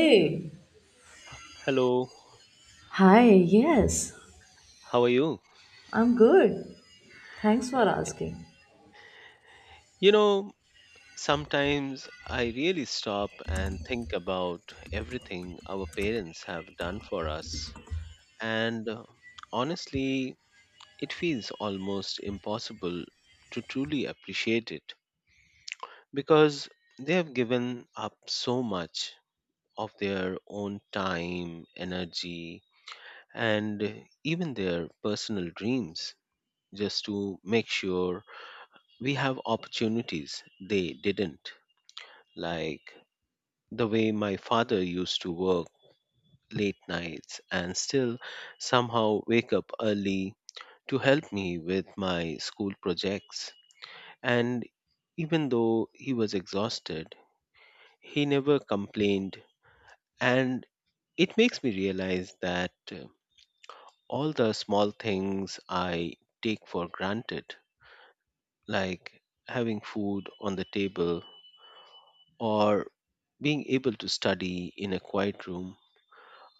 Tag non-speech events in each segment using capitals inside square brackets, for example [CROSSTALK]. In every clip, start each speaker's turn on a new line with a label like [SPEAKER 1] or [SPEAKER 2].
[SPEAKER 1] Hey,
[SPEAKER 2] Hello,
[SPEAKER 1] hi, yes,
[SPEAKER 2] how are you?
[SPEAKER 1] I'm good. Thanks for
[SPEAKER 2] Okay.
[SPEAKER 1] asking.
[SPEAKER 2] You know, sometimes I really stop and think about everything our parents have done for us. And Honestly, it feels almost impossible to truly appreciate it because they have given up so much of their own time, energy, and even their personal dreams just to make sure we have opportunities they didn't, like the way my father used to work late nights and still somehow wake up early to help me with my school projects. And even though he was exhausted, he never complained. And it makes me realize that all the small things I take for granted, like having food on the table or being able to study in a quiet room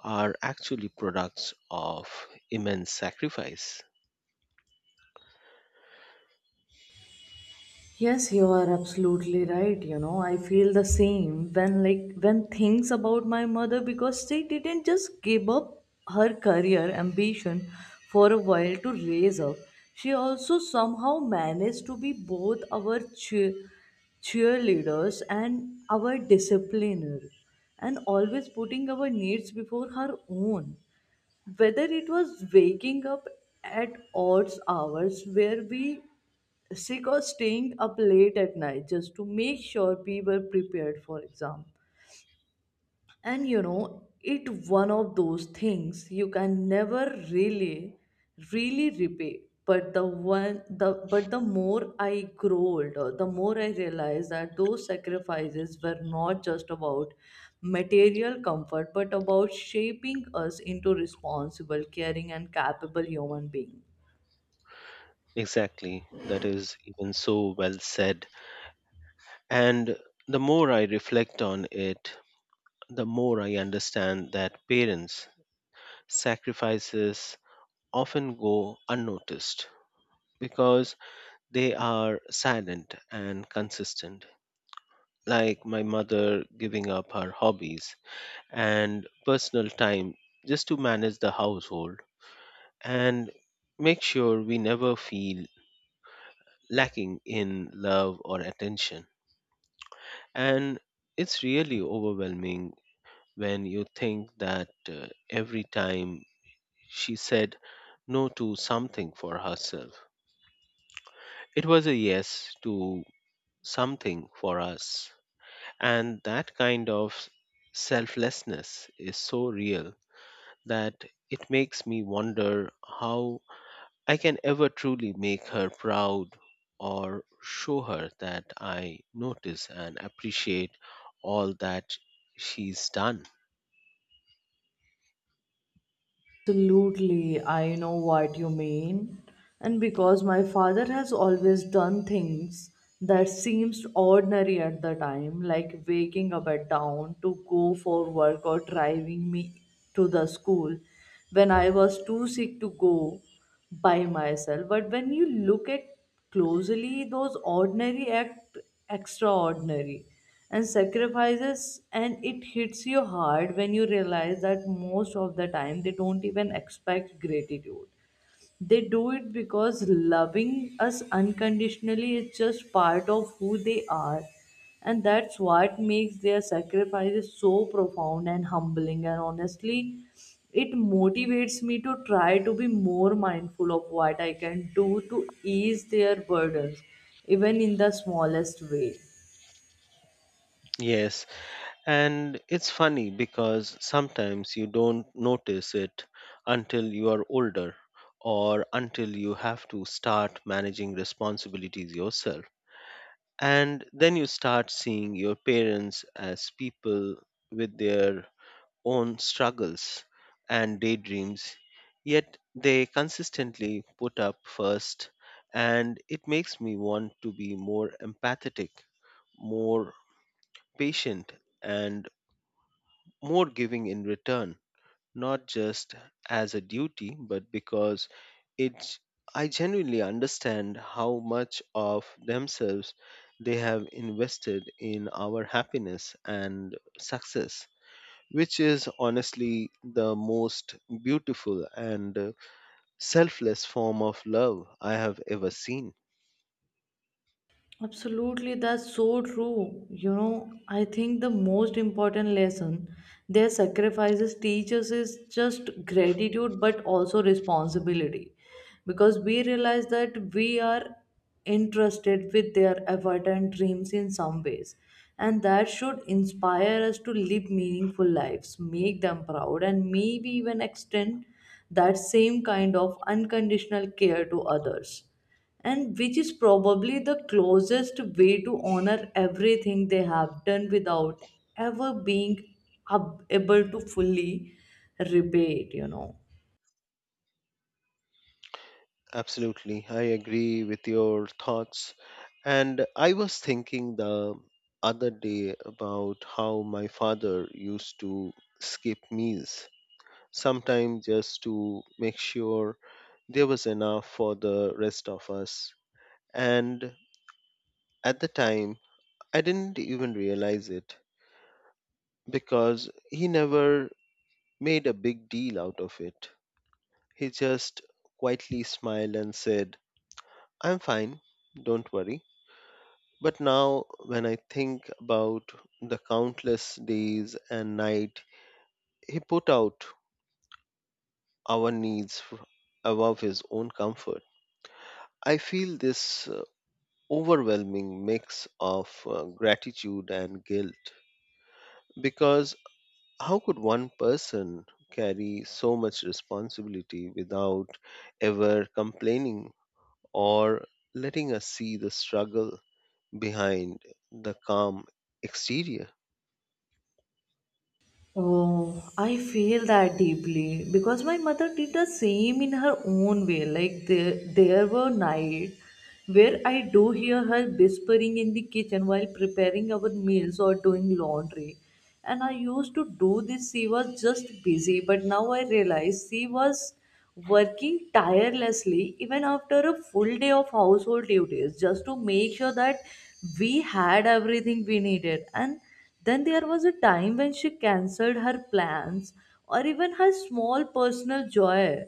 [SPEAKER 2] are actually products of immense sacrifice.
[SPEAKER 1] Yes, you are absolutely right. You know, I feel the same when, like, when things about my mother because she didn't just give up her career ambition for a while to raise up. She also somehow managed to be both our cheerleaders and our discipliner, and always putting our needs before her own. Whether it was waking up at odd hours where we sick or staying up late at night just to make sure we were prepared for exam. And you know it one of those things you can never really repay. But the one the but the more I grow older, the more I realize that those sacrifices were not just about material comfort but about shaping us into responsible, caring and capable human beings.
[SPEAKER 2] Exactly, that is even so well said. And the more I reflect on it, the more I understand that parents' sacrifices often go unnoticed because they are silent and consistent. Like my mother giving up her hobbies and personal time just to manage the household and make sure we never feel lacking in love or attention. And it's really overwhelming when you think that every time she said no to something for herself, it was a yes to something for us. And that kind of selflessness is so real that it makes me wonder how I can ever truly make her proud or show her that I notice and appreciate all that she's done.
[SPEAKER 1] Absolutely, I know what you mean. And because my father has always done things that seems ordinary at the time, like waking up at dawn to go for work or driving me to the school when I was too sick to go by myself. But when you look at closely, those ordinary act extraordinary and sacrifices, and it hits you hard when you realize that most of the time they don't even expect gratitude. They do it because loving us unconditionally is just part of who they are, and that's what makes their sacrifices so profound and humbling. And honestly, it motivates me to try to be more mindful of what I can do to ease their burdens, even in the smallest way.
[SPEAKER 2] Yes, and it's funny because sometimes you don't notice it until you are older or until you have to start managing responsibilities yourself. And then you start seeing your parents as people with their own struggles and daydreams, yet they consistently put up first, and it makes me want to be more empathetic, more patient, and more giving in return, not just as a duty, but because it I genuinely understand how much of themselves they have invested in our happiness and success, which is honestly the most beautiful and selfless form of love I have ever seen.
[SPEAKER 1] Absolutely, that's so true. You know, I think the most important lesson their sacrifices teach us is just gratitude but also responsibility, because we realize that we are interested with their effort and dreams in some ways, and that should inspire us to live meaningful lives, make them proud, and maybe even extend that same kind of unconditional care to others, and which is probably the closest way to honor everything they have done without ever being able to fully repay it, you know.
[SPEAKER 2] Absolutely, I agree with your thoughts. And I was thinking the other day about how my father used to skip meals, sometimes just to make sure there was enough for the rest of us. And at the time, I didn't even realize it because he never made a big deal out of it. He just quietly smiled and said, I'm fine, don't worry. But now, when I think about the countless days and night he put out our needs above his own comfort, I feel this overwhelming mix of gratitude and guilt. Because how could one person carry so much responsibility without ever complaining or letting us see the struggle behind the calm exterior.
[SPEAKER 1] Oh, I feel that deeply because my mother did the same in her own way. Like there were nights where I do hear her whispering in the kitchen while preparing our meals or doing laundry. And I used to do this. She was just busy, but now I realize she was working tirelessly even after a full day of household duties just to make sure that we had everything we needed. And then there was a time when she cancelled her plans or even her small personal joy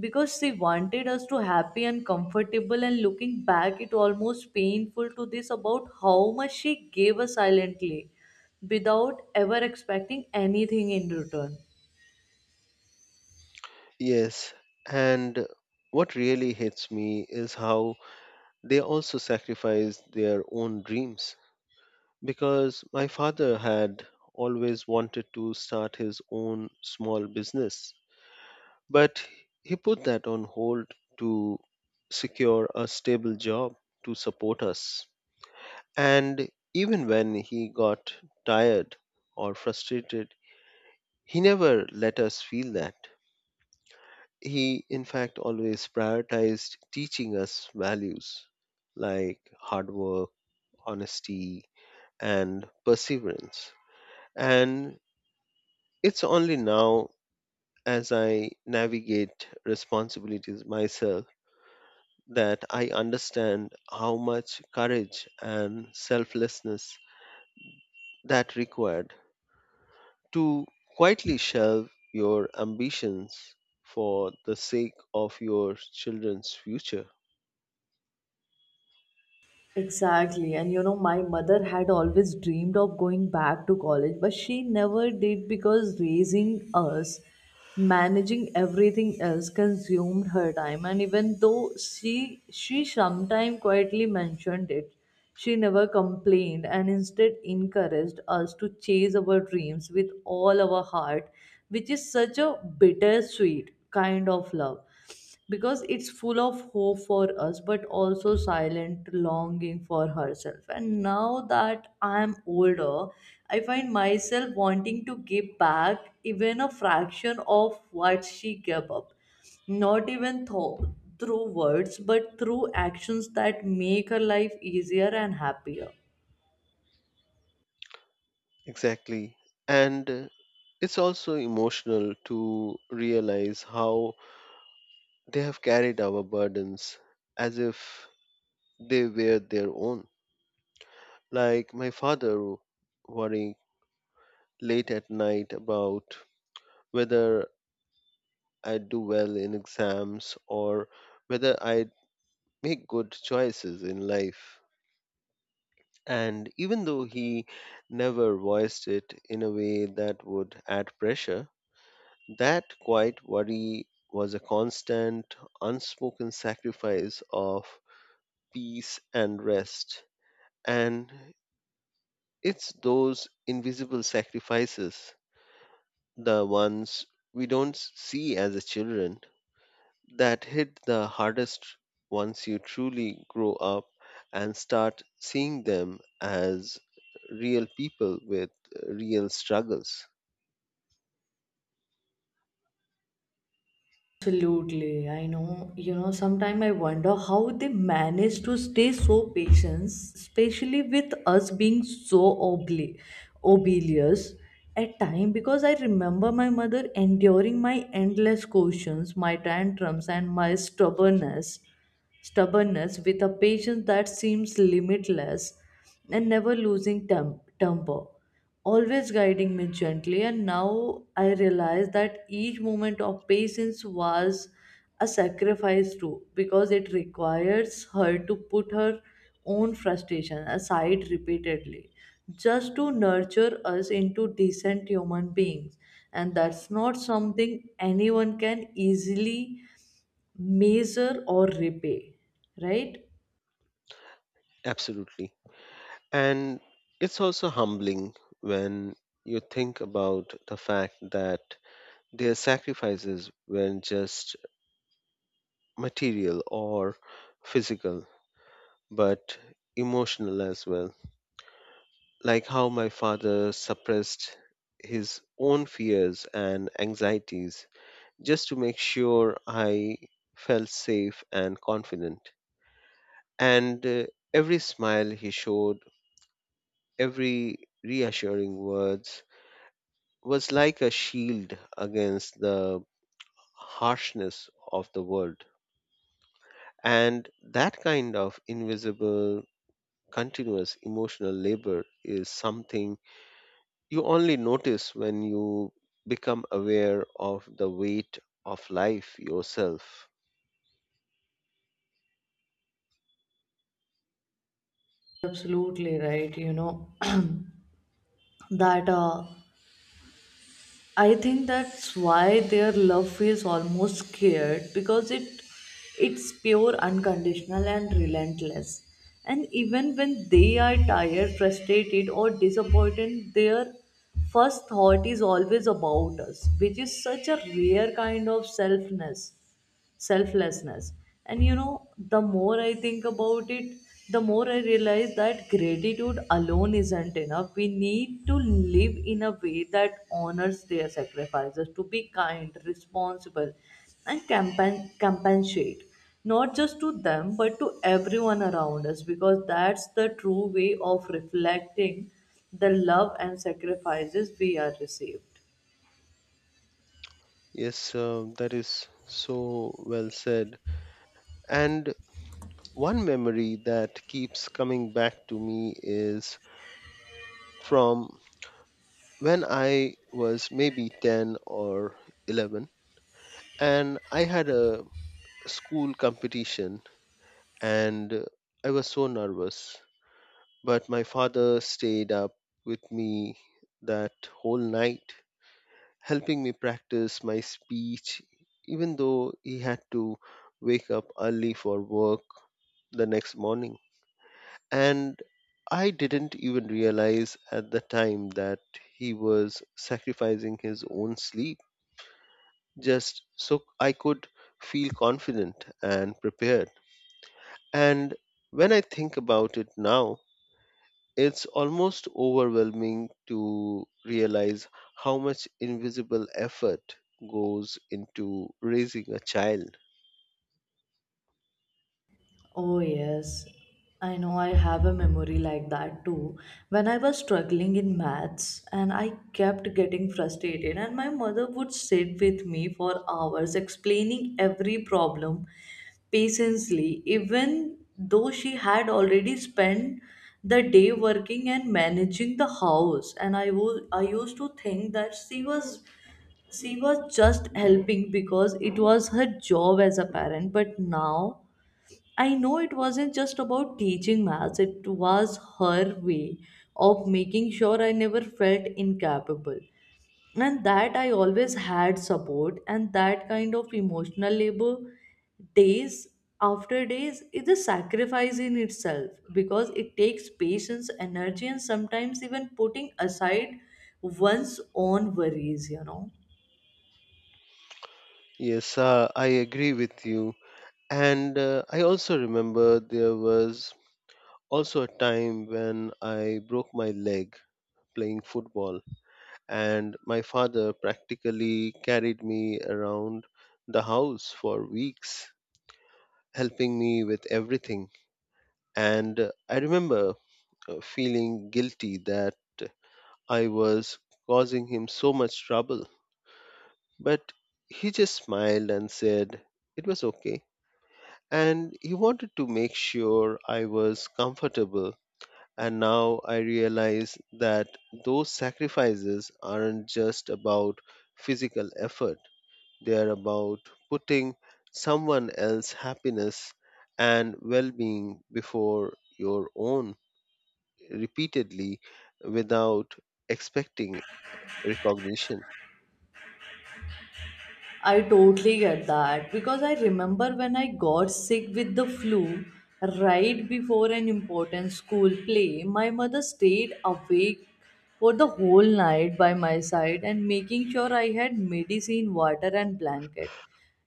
[SPEAKER 1] because she wanted us to happy and comfortable. And looking back, it almost painful to this about how much she gave us silently without ever expecting anything in return.
[SPEAKER 2] Yes, and what really hits me is how they also sacrifice their own dreams. Because my father had always wanted to start his own small business, but he put that on hold to secure a stable job to support us. And even when he got tired or frustrated, he never let us feel that. He, in fact, always prioritized teaching us values like hard work, honesty, and perseverance. And it's only now, as I navigate responsibilities myself, that I understand how much courage and selflessness that required to quietly shelve your ambitions for the sake of your children's future.
[SPEAKER 1] Exactly. And you know, my mother had always dreamed of going back to college, but she never did because raising us, managing everything else consumed her time. And even though she sometimes quietly mentioned it, she never complained and instead encouraged us to chase our dreams with all our heart, which is such a bittersweet kind of love because it's full of hope for us but also silent longing for herself. And now that I'm older, I find myself wanting to give back even a fraction of what she gave up, not even through words but through actions that make her life easier and happier.
[SPEAKER 2] Exactly. And It's also emotional to realize how they have carried our burdens as if they were their own. Like my father worrying late at night about whether I do well in exams or whether I make good choices in life. And even though he never voiced it in a way that would add pressure, that quiet worry was a constant, unspoken sacrifice of peace and rest. And it's those invisible sacrifices, the ones we don't see as a children, that hit the hardest once you truly grow up and start seeing them as real people with real struggles.
[SPEAKER 1] Absolutely. I know, you know, sometimes I wonder how they manage to stay so patient, especially with us being so obli- obelious at time, because I remember my mother enduring my endless questions, my tantrums and my stubbornness with a patience that seems limitless, and never losing temper, always guiding me gently. And now I realize that each moment of patience was a sacrifice too, because it requires her to put her own frustration aside repeatedly just to nurture us into decent human beings, and that's not something anyone can easily measure or repay, right?
[SPEAKER 2] Absolutely. And it's also humbling when you think about the fact that their sacrifices weren't just material or physical, but emotional as well. Like how my father suppressed his own fears and anxieties just to make sure I felt safe and confident. And Every smile he showed, every reassuring words, was like a shield against the harshness of the world. And that kind of invisible, continuous emotional labor is something you only notice when you become aware of the weight of life yourself.
[SPEAKER 1] Absolutely right, you know. [CLEARS THROAT] that I think that's why their love feels almost scared because it's pure, unconditional and relentless. And even when they are tired, frustrated or disappointed, their first thought is always about us, which is such a rare kind of selfness selflessness. And you know, the more I think about it, the more I realize that gratitude alone isn't enough. We need to live in a way that honors their sacrifices, to be kind, responsible and compensate, not just to them but to everyone around us, because that's the true way of reflecting the love and sacrifices we are received.
[SPEAKER 2] Yes, that is so well said. And one memory that keeps coming back to me is from when I was maybe 10 or 11, and I had a school competition, and I was so nervous. But my father stayed up with me that whole night, helping me practice my speech, even though he had to wake up early for work the next morning. And I didn't even realize at the time that he was sacrificing his own sleep just so I could feel confident and prepared. And when I think about it now, it's almost overwhelming to realize how much invisible effort goes into raising a child.
[SPEAKER 1] Oh, yes. I know I have a memory like that too. When I was struggling in maths and I kept getting frustrated, and my mother would sit with me for hours explaining every problem patiently, even though she had already spent the day working and managing the house. And I was I used to think that she was just helping because it was her job as a parent, but now I know it wasn't just about teaching maths, it was her way of making sure I never felt incapable. And that I always had support, and that kind of emotional labor, days after days, is a sacrifice in itself because it takes patience, energy, and sometimes even putting aside one's own worries, you know.
[SPEAKER 2] Yes, I agree with you. And I also remember there was also a time when I broke my leg playing football, and my father practically carried me around the house for weeks, helping me with everything. And I remember feeling guilty that I was causing him so much trouble. But he just smiled and said it was okay. And he wanted to make sure I was comfortable. And now I realize that those sacrifices aren't just about physical effort, they are about putting someone else's happiness and well being before your own repeatedly without expecting recognition.
[SPEAKER 1] I totally get that because I remember when I got sick with the flu right before an important school play, my mother stayed awake for the whole night by my side and making sure I had medicine, water, and blanket.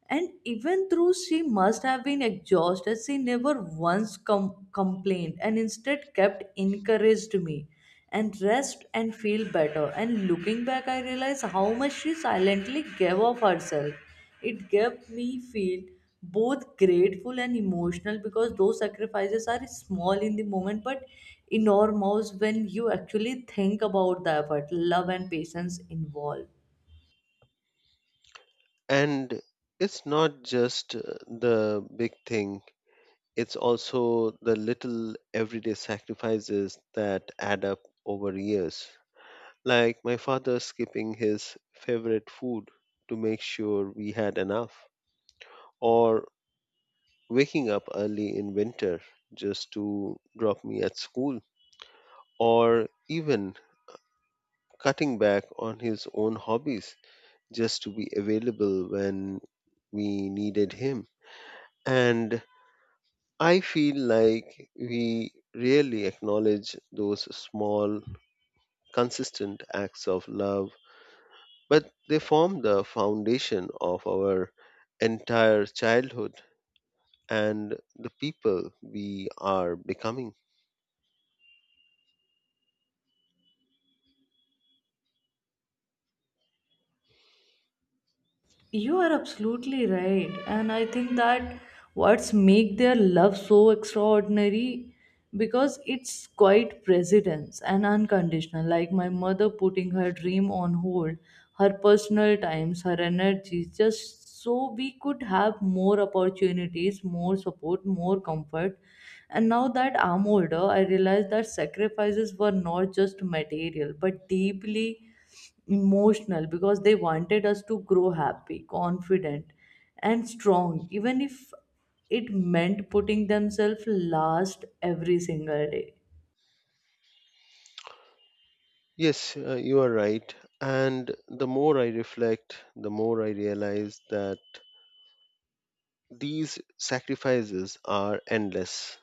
[SPEAKER 1] And even though she must have been exhausted, she never once complained and instead kept encouraged me and rest and feel better. And looking back, I realized how much she silently gave of herself. It gave me feel both grateful and emotional because those sacrifices are small in the moment but enormous when you actually think about the effort, love, and patience involved.
[SPEAKER 2] And it's not just the big thing, it's also the little everyday sacrifices that add up over years. Like my father skipping his favorite food to make sure we had enough, or waking up early in winter just to drop me at school, or even cutting back on his own hobbies just to be available when we needed him. And I feel like we really acknowledge those small, consistent acts of love, but they form the foundation of our entire childhood and the people we are becoming.
[SPEAKER 1] You are absolutely right. And I think that what's make their love so extraordinary because it's quite precedence and unconditional. Like my mother putting her dream on hold, her personal times, her energy, just so we could have more opportunities, more support, more comfort. And now that I'm older, I realize that sacrifices were not just material, but deeply emotional because they wanted us to grow happy, confident, and strong, even if it meant putting themselves last every single day.
[SPEAKER 2] Yes, you are right. And the more I reflect, the more I realize that these sacrifices are endless,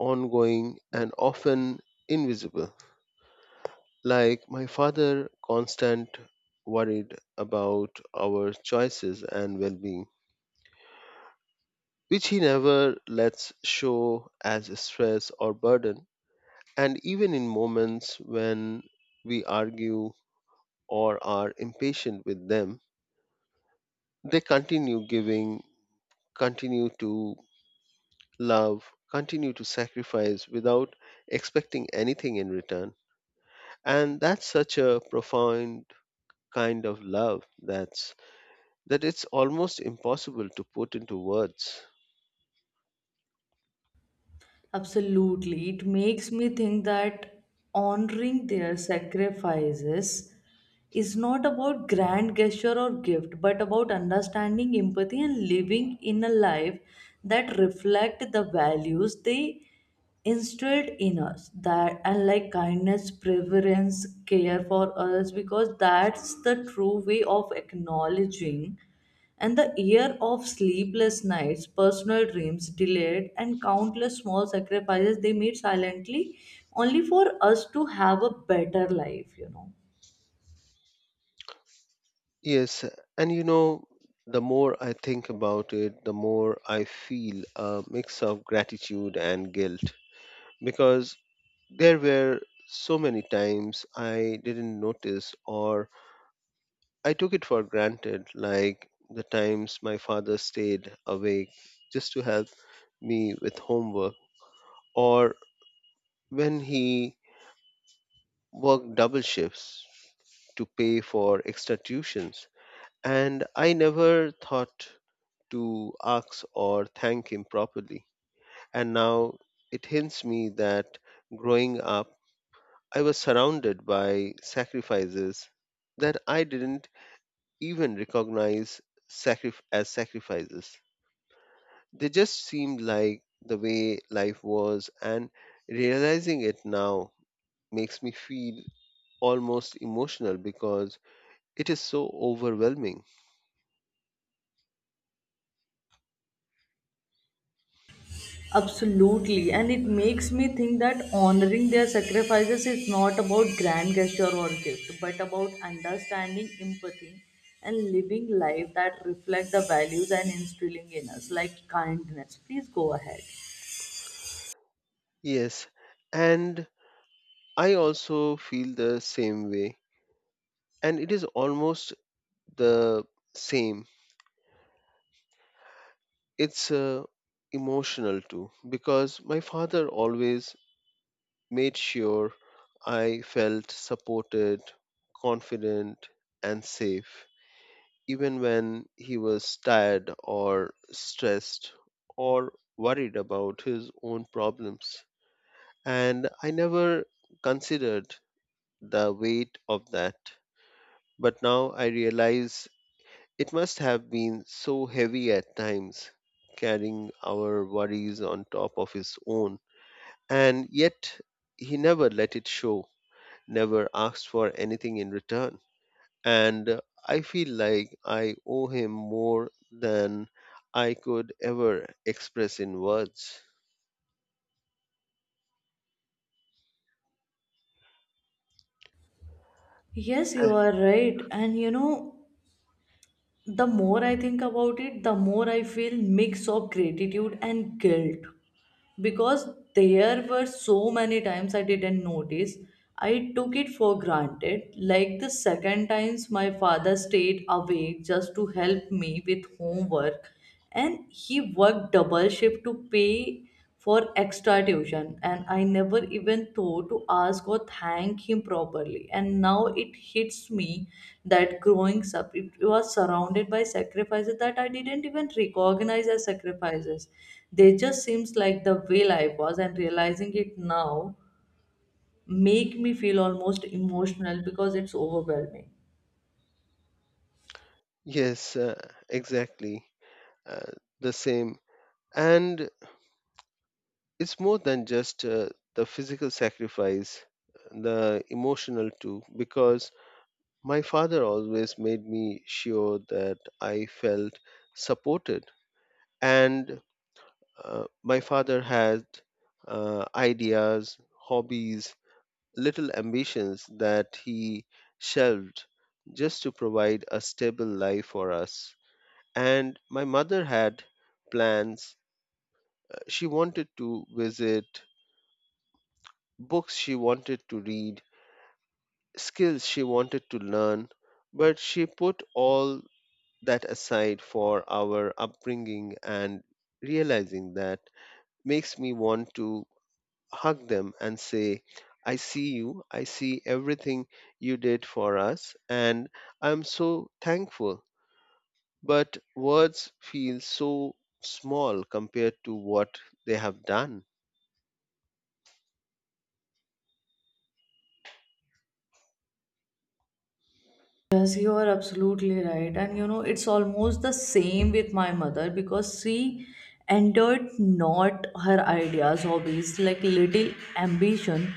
[SPEAKER 2] ongoing, and often invisible. Like my father, constant worried about our choices and well being, which he never lets show as stress or burden. And even in moments when we argue or are impatient with them, they continue giving, continue to love, continue to sacrifice without expecting anything in return. And that's such a profound kind of love that it's almost impossible to put into words.
[SPEAKER 1] Absolutely. It makes me think that honoring their sacrifices is not about grand gesture or gift, but about understanding empathy and living in a life that reflect the values they instilled in us, that unlike kindness preference, care for others, because that's the true way of acknowledging and the year of sleepless nights, personal dreams delayed and countless small sacrifices they made silently only for us to have a better life, you know.
[SPEAKER 2] Yes, and you know, the more I think about it, the more I feel a mix of gratitude and guilt because there were so many times I didn't notice or I took it for granted, like the times my father stayed awake just to help me with homework, or when he worked double shifts to pay for extra tuitions. And I never thought to ask or thank him properly. And now it hints me that growing up, I was surrounded by sacrifices that I didn't even recognize as sacrifices. They just seemed like the way life was, and realizing it now makes me feel almost emotional because it is so overwhelming.
[SPEAKER 1] Absolutely, and it makes me think that honoring their sacrifices is not about grand gesture or gift, but about understanding, empathy, and living life that reflect the values and instilling in us, like kindness. Please go ahead.
[SPEAKER 2] Yes, and I also feel the same way, and it is almost the same. It's emotional too because my father always made sure I felt supported, confident, and safe, even when he was tired or stressed or worried about his own problems. And I never considered the weight of that, but now I realize it must have been so heavy at times, carrying our worries on top of his own. And yet, he never let it show, never asked for anything in return. And I feel like I owe him more than I could ever express in words.
[SPEAKER 1] Yes, you
[SPEAKER 2] Uh,
[SPEAKER 1] are right. And you know, the more I think about it, the more I feel mix of gratitude and guilt, because there were so many times I didn't notice. I took it for granted. Like the second times my father stayed awake just to help me with homework, and he worked double shift to pay for extra tuition, and I never even thought to ask or thank him properly. And now it hits me that growing up it was surrounded by sacrifices that I didn't even recognize as sacrifices. They just seems like the way life was, and realizing it now make me feel almost emotional because it's overwhelming.
[SPEAKER 2] Yes, exactly. Uh, the same. And it's more than just the physical sacrifice, the emotional too, because my father always made me sure that I felt supported, and my father had ideas, hobbies, little ambitions that he shelved just to provide a stable life for us. And my mother had plans. She wanted to visit, books she wanted to read, skills she wanted to learn, but she put all that aside for our upbringing. And realizing that makes me want to hug them and say, I see you, I see everything you did for us, and I'm so thankful. But words feel so small compared to what they have done.
[SPEAKER 1] Yes, you are absolutely right. And you know, it's almost the same with my mother because she entered not her ideas, hobbies, like little ambition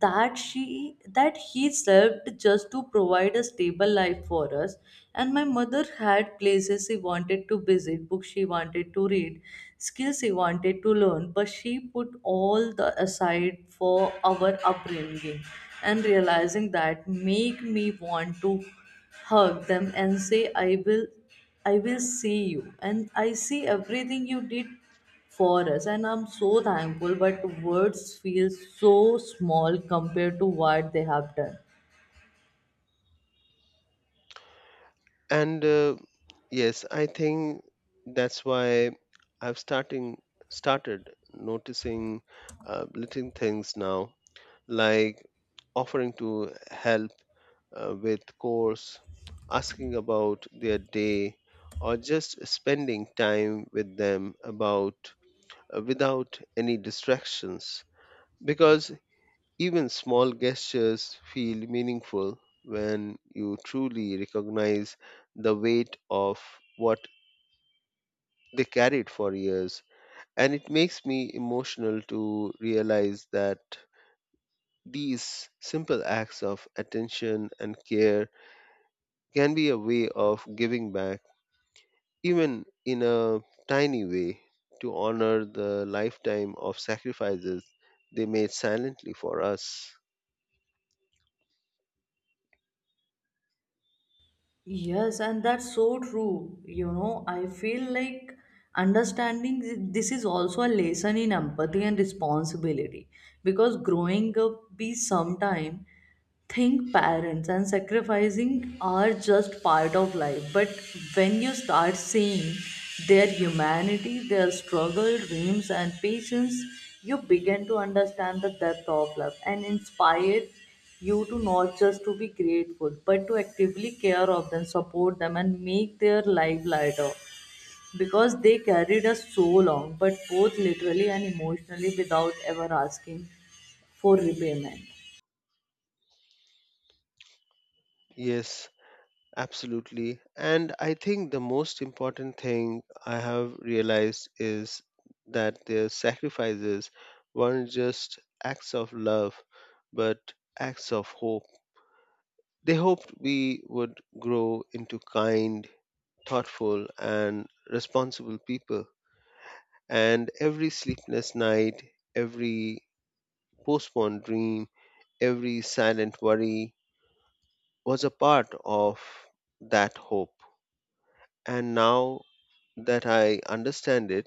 [SPEAKER 1] that she that he served just to provide a stable life for us. And my mother had places she wanted to visit, books she wanted to read, skills she wanted to learn, but she put all the aside for our upbringing. And realizing that make me want to hug them and say, I will see you, and I see everything you did for us, and I'm so thankful, but words feel so small compared to what they have done.
[SPEAKER 2] And Yes, I think that's why I've starting started noticing little things now, like offering to help with course, asking about their day, or just spending time with them about without any distractions. Because even small gestures feel meaningful when you truly recognize the weight of what they carried for years. And it makes me emotional to realize that these simple acts of attention and care can be a way of giving back, even in a tiny way, to honor the lifetime of sacrifices they made silently for us.
[SPEAKER 1] Yes, and that's so true. You know, I feel like understanding this is also a lesson in empathy and responsibility, because growing up, we sometime think parents and sacrificing are just part of life. But when you start seeing their humanity, their struggle, dreams, and patience, you begin to understand the depth of love, and inspire you to not just to be grateful but to actively care of them, support them, and make their life lighter, because they carried us so long, but both literally and emotionally, without ever asking for repayment.
[SPEAKER 2] Yes, absolutely. And I think the most important thing I have realized is that their sacrifices weren't just acts of love, but acts of hope. They hoped we would grow into kind, thoughtful, and responsible people. And every sleepless night, every postponed dream, every silent worry was a part of that hope. And now that I understand it,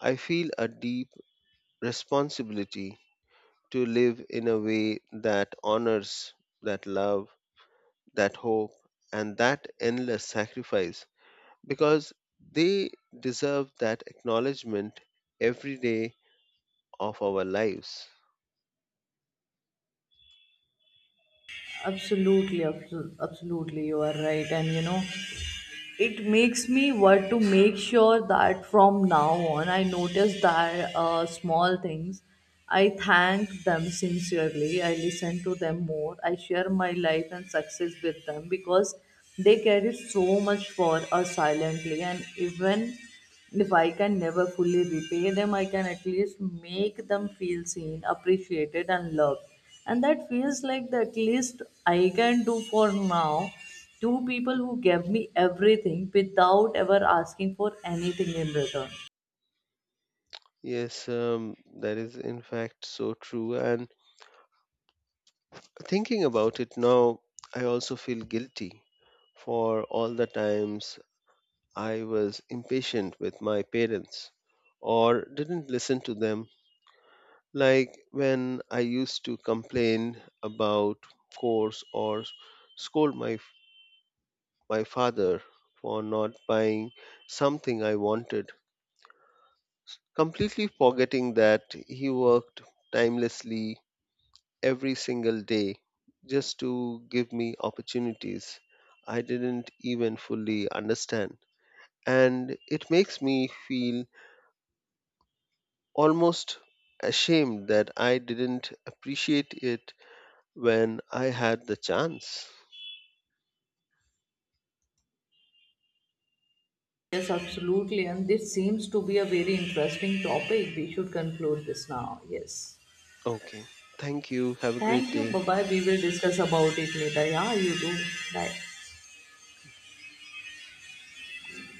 [SPEAKER 2] I feel a deep responsibility to live in a way that honors that love, that hope, and that endless sacrifice because they deserve that acknowledgement every day of our lives.
[SPEAKER 1] Absolutely, you are right. And you know, it makes me want to make sure that from now on I notice that small things. I thank them sincerely. I listen to them more. I share my life and success with them, because they carry so much for us silently. And even if I can never fully repay them, I can at least make them feel seen, appreciated, and loved. And that feels like the at least I can do for now. Two people who gave me everything without ever asking for anything in return.
[SPEAKER 2] Yes, that is in fact so true. And thinking about it now, I also feel guilty for all the times I was impatient with my parents or didn't listen to them. Like when I used to complain about course or scold my father for not buying something I wanted, completely forgetting that he worked timelessly every single day just to give me opportunities I didn't even fully understand. And it makes me feel almost ashamed that I didn't appreciate it when I had the chance.
[SPEAKER 1] Yes, absolutely. And this seems to be a very interesting topic. We should conclude this now. Yes.
[SPEAKER 2] Okay, thank you. Have a great
[SPEAKER 1] Thank you. Bye
[SPEAKER 2] day.
[SPEAKER 1] bye. We will discuss about it later. Yeah, you do. Bye.